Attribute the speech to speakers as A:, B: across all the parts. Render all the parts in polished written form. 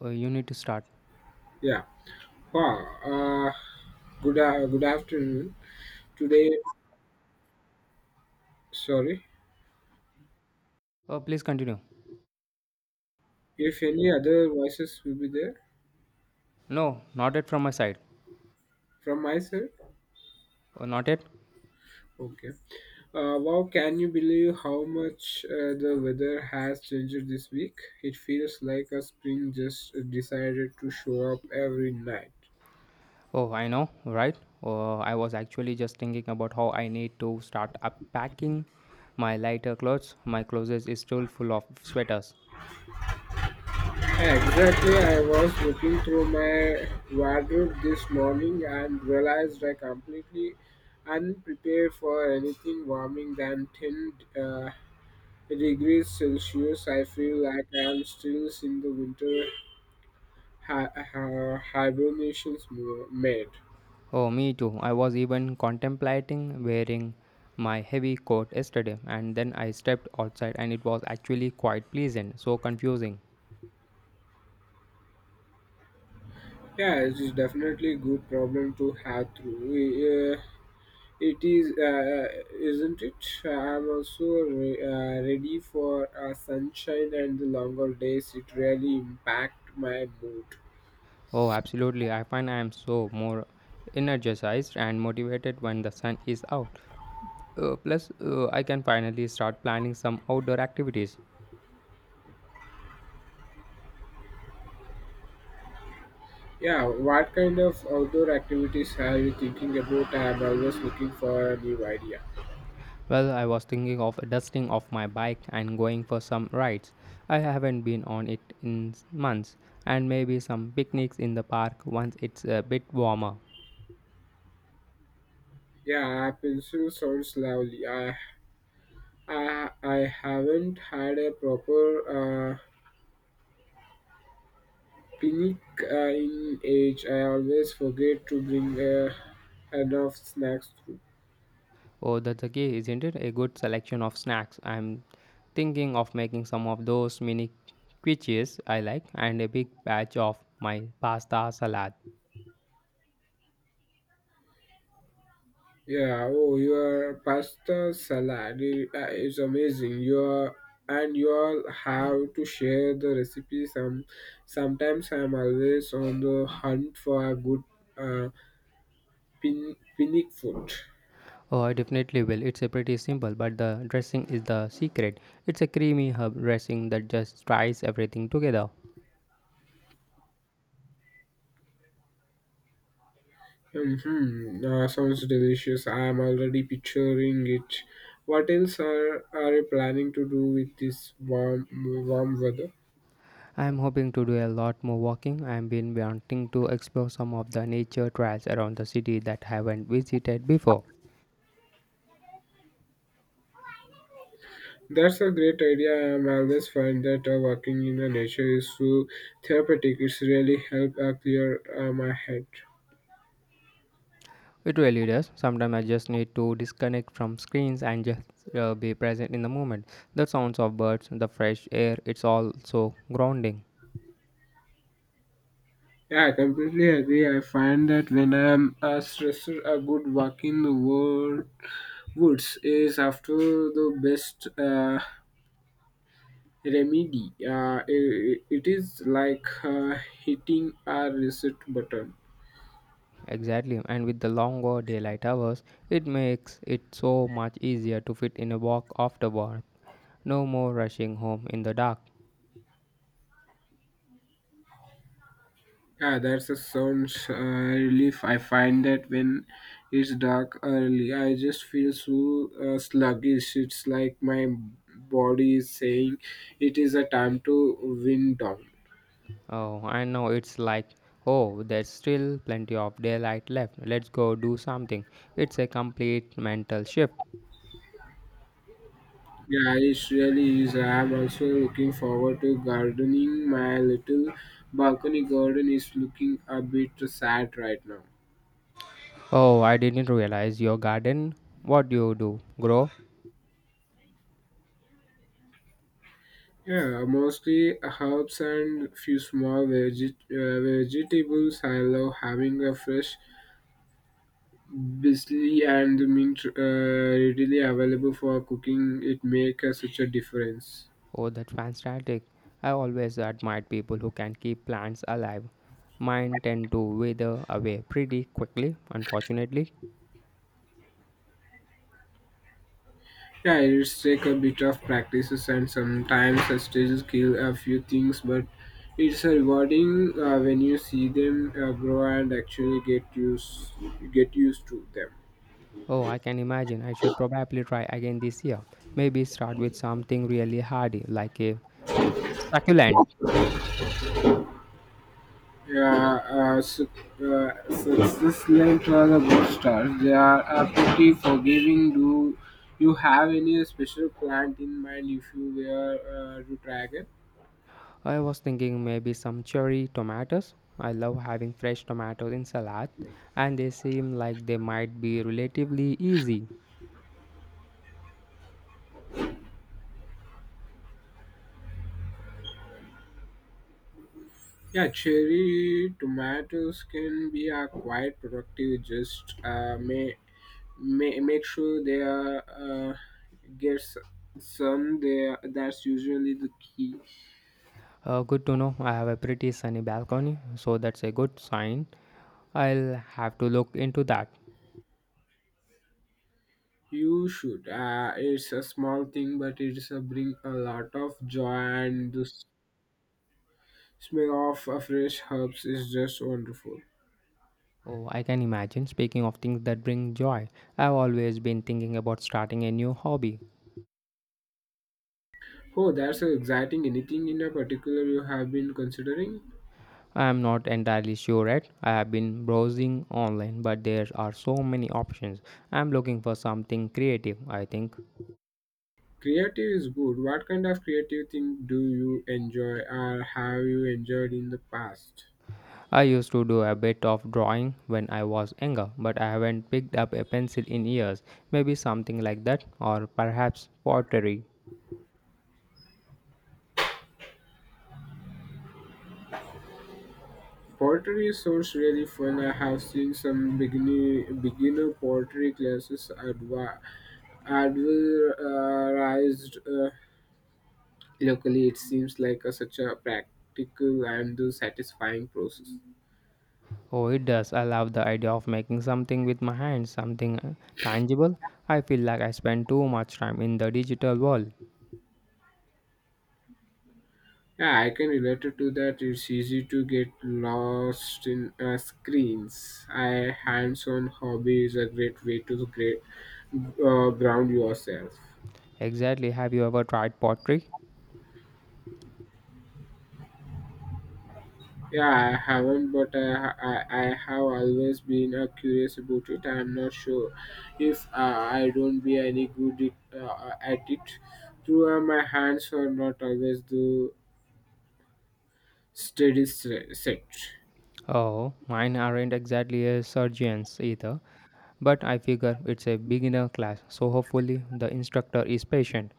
A: You need to start.
B: Yeah. Wow. Uh, Good afternoon. Today, sorry.
A: Oh, please continue.
B: If any other voices will be there
A: No, not yet from my side.
B: from my side.
A: Oh, not yet.
B: Okay. Wow. Can you believe how much the weather has changed this week? It feels like a spring just decided to show up every night.
A: Oh, I know, right? Oh, I was actually just thinking about how I need to start unpacking my lighter clothes. My closet is still full of sweaters.
B: Exactly. I was looking through my wardrobe this morning and realized I completely unprepared for anything warming than thin uh, degrees Celsius, I feel like I am still in the winter hibernations mode.
A: Oh, me too. I was even contemplating wearing my heavy coat yesterday, and then I stepped outside, and it was actually quite pleasant. So confusing.
B: Yeah, it is definitely a good problem to have through. It isn't it? I'm also ready for sunshine and the longer days. It really impact my mood.
A: Oh, absolutely. I find I am so more energized and motivated when the sun is out. Plus, I can finally start planning some outdoor activities.
B: Yeah, what kind of outdoor activities are you thinking about? I'm always looking for a new idea.
A: Well, I was thinking of dusting off my bike and going for some rides. I haven't been on it in months, and maybe some picnics in the park once it's a bit warmer.
B: Yeah, pencil sounds lovely. I haven't had a proper uh, picnic in age. I always forget to bring enough snacks. Through.
A: Oh, that's a key, isn't it? A good selection of snacks. I'm thinking of making some of those mini quiches I like and a big batch of my pasta salad.
B: Yeah. Oh, your pasta salad is amazing. Your and you all have to share the recipe. Sometimes I'm always on the hunt for a good uh, picnic food.
A: Oh, I definitely will. It's a pretty simple, but the dressing is the secret. It's a creamy herb dressing that just ties everything together.
B: Sounds delicious. I am already picturing it. What else are you planning to do with this warm weather?
A: I am hoping to do a lot more walking. I have been wanting to explore some of the nature trails around the city that I haven't visited before.
B: That's a great idea. I am always find that working in the nature is so therapeutic. It's really help clear my head.
A: It really does. Sometimes I just need to disconnect from screens and just be present in the moment. The sounds of birds, the fresh air, it's all so grounding.
B: Yeah, I completely agree. I find that when I am stressed, a good walk in the woods is after the best remedy. It is like hitting a reset button.
A: Exactly, and with the longer daylight hours, it makes it so much easier to fit in a walk after work. No more rushing home in the dark.
B: Yeah, that's a sounds relief. I find that when it's dark early, I just feel so sluggish. It's like my body is saying it is a time to wind down.
A: Oh, I know, it's like, oh, there's still plenty of daylight left. Let's go do something. It's a complete mental shift.
B: Yeah, it really is. I am also looking forward to gardening. My little balcony garden is looking a bit sad right now.
A: Oh, I didn't realize your garden. What do you do? Grow?
B: Yeah, mostly herbs and few small vegetables. I love having a fresh basil and mint readily available for cooking. It makes such a difference.
A: Oh, that's fantastic. I always admired people who can keep plants alive. Mine tend to wither away pretty quickly, unfortunately.
B: Yeah, it's take a bit of practices and sometimes I still kill a few things, but it's rewarding when you see them grow and actually get used to them.
A: Oh, I can imagine. I should probably try again this year. Maybe start with something really hardy, like a succulent.
B: Yeah, success-led travel boosters, they are pretty forgiving. Do you have any special plant in mind if you were to try it?
A: I was thinking maybe some cherry tomatoes. I love having fresh tomatoes in salad, and they seem like they might be relatively easy.
B: Yeah, cherry tomatoes can be quite productive. Just may make sure they are get s- some there. That's usually the key.
A: Good to know. I have a pretty sunny balcony, so that's a good sign. I'll have to look into that.
B: You should. It's a small thing, but it's a bring a lot of joy and the. Smell of fresh herbs is just wonderful.
A: Oh, I can imagine. Speaking of things that bring joy, I've always been thinking about starting a new hobby.
B: Oh, that's so exciting. Anything in a particular you have been considering?
A: I am not entirely sure yet. I have been browsing online, but there are so many options. I am looking for something creative, I think.
B: Creative is good. What kind of creative thing do you enjoy or have you enjoyed in the past?
A: I used to do a bit of drawing when I was younger, but I haven't picked up a pencil in years. Maybe something like that, or perhaps pottery.
B: Pottery sounds really fun. I have seen some beginner pottery classes advertised locally. It seems like a, such a practical and satisfying process.
A: Oh, it does. I love the idea of making something with my hands, something tangible. I feel like I spend too much time in the digital world.
B: Yeah, I can relate it to that. It's easy to get lost in screens. A hands-on hobby is a great way to ground yourself.
A: Exactly. Have you ever tried pottery?
B: Yeah, I haven't, but I have always been curious about it. I'm not sure if I don't be any good at it through my hands or not always the steady set.
A: Oh, mine aren't exactly a surgeon's either, but I figure it's a beginner class, so hopefully the instructor is patient.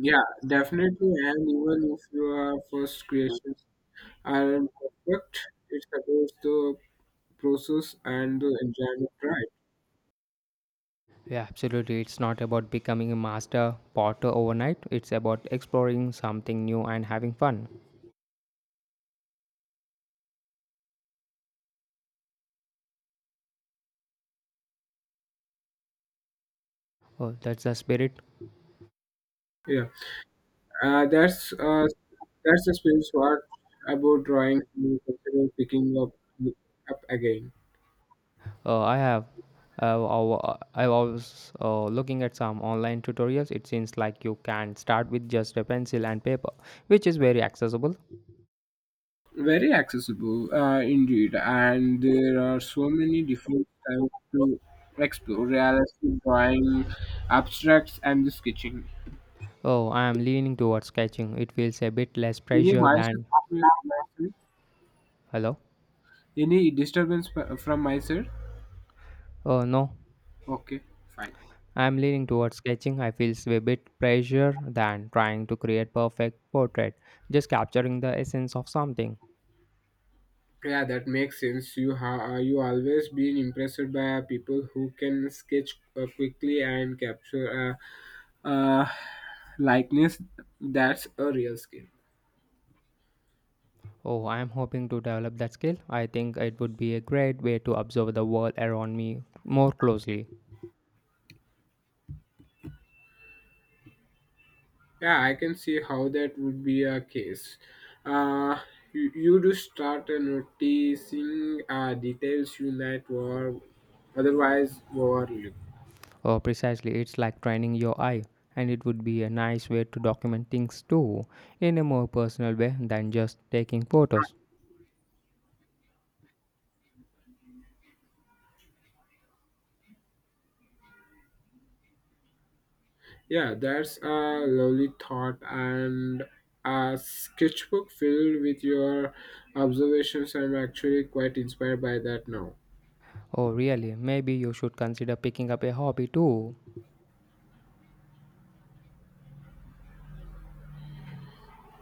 B: Yeah, definitely. And even if you are first creation aren't perfect. It's about the process and the enjoyment, right?
A: Yeah, absolutely. It's not about becoming a master potter overnight, it's about exploring something new and having fun. Oh, that's the spirit.
B: Yeah, uh, that's uh, that's the space part about drawing. You consider picking up again.
A: I have. I was looking at some online tutorials. It seems like you can start with just a pencil and paper, which is very accessible.
B: Very accessible, indeed, and there are so many different types to explore: realistic drawing, abstracts, and the sketching.
A: Oh, I am leaning towards sketching. It feels a bit less
B: Any
A: pressure
B: myself,
A: than... Hello?
B: any disturbance from myself?
A: Oh no,
B: Okay, fine.
A: I'm leaning towards sketching. I feel a bit pressure than trying to create perfect portrait, just capturing the essence of something.
B: Yeah, that makes sense. You always been impressed by people who can sketch quickly and capture uh, uh, likeness. That's a real skill.
A: Oh, I'm hoping to develop that skill. I think it would be a great way to observe the world around me more closely.
B: Yeah, I can see how that would be a case. Uh, you do start noticing details you might were otherwise overlook.
A: Oh, precisely, it's like training your eye, and it would be a nice way to document things too, in a more personal way than just taking photos.
B: Yeah, that's a lovely thought and a sketchbook filled with your observations. I'm actually quite inspired by that now.
A: Oh, really? Maybe you should consider picking up a hobby too.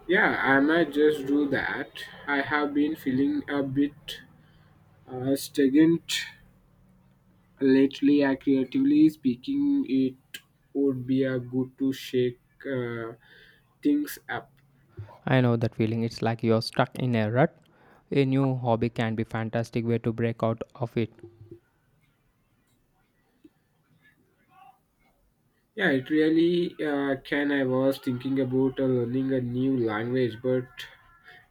B: Yeah, I might just do that. I have been feeling a bit stagnant lately. I creatively speaking, it would be a good to shake uh, things up.
A: I know that feeling. It's like you're stuck in a rut. A new hobby can be fantastic way to break out of it.
B: Yeah, it really can. I was thinking about learning a new language, but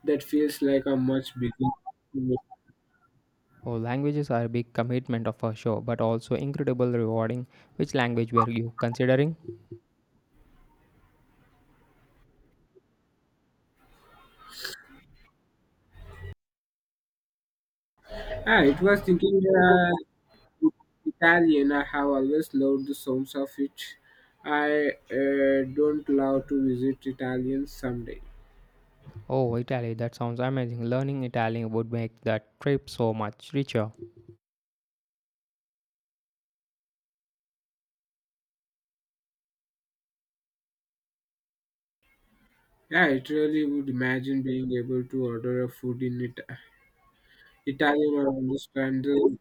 B: that feels like a much bigger.
A: Oh, languages are a big commitment of a show, but also incredible rewarding. Which language were you considering?
B: Ah, it was thinking Italian. I have always loved the sounds of it. I don't love to visit Italian someday.
A: Oh, Italy. That sounds amazing. Learning Italian would make that trip so much richer.
B: Yeah, it really would imagine being able to order a food in Italian or understand the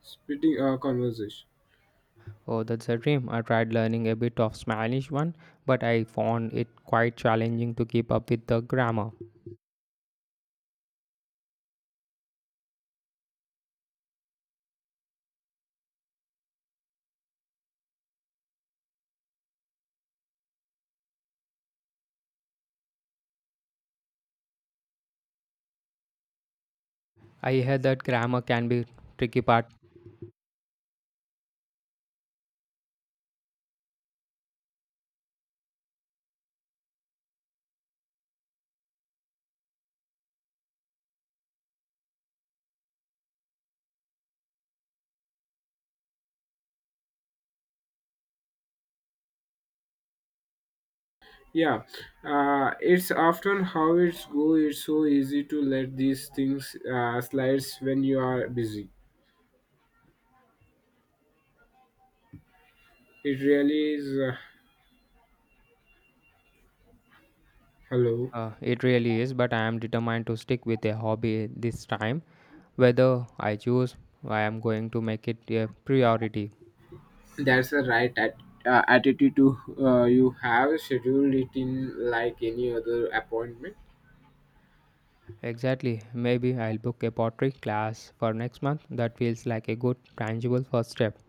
B: spitting conversation.
A: Oh, that's a dream. I tried learning a bit of Spanish one, but I found it quite challenging to keep up with the grammar. I heard that grammar can be tricky part.
B: Yeah, it's often how it's go. It's so easy to let these things slides when you are busy. It really is. Hello,
A: It really is, but I am determined to stick with a hobby this time. Whether I choose, I am going to make it a priority.
B: that's the right attitude to you have scheduled it in like any other appointment.
A: Exactly. Maybe I'll book a pottery class for next month. That feels like a good, tangible first step.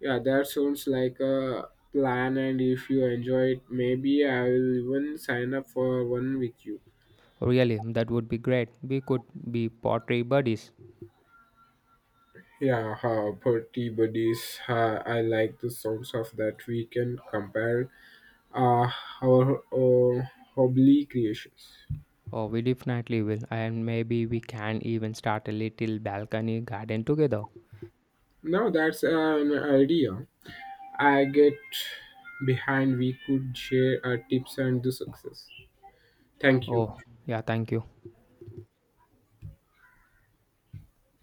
B: Yeah, that sounds like a plan. And if you enjoy it, maybe I will even sign up for one with you.
A: Really, that would be great. We could be pottery buddies.
B: Yeah, party buddies. I like the sounds of that. We can compare uh, our hobby creations.
A: Oh, we definitely will. And maybe we can even start a little balcony garden together.
B: Now that's an idea I get behind. We could share our tips and the success. Thank you.
A: Oh, yeah, thank you.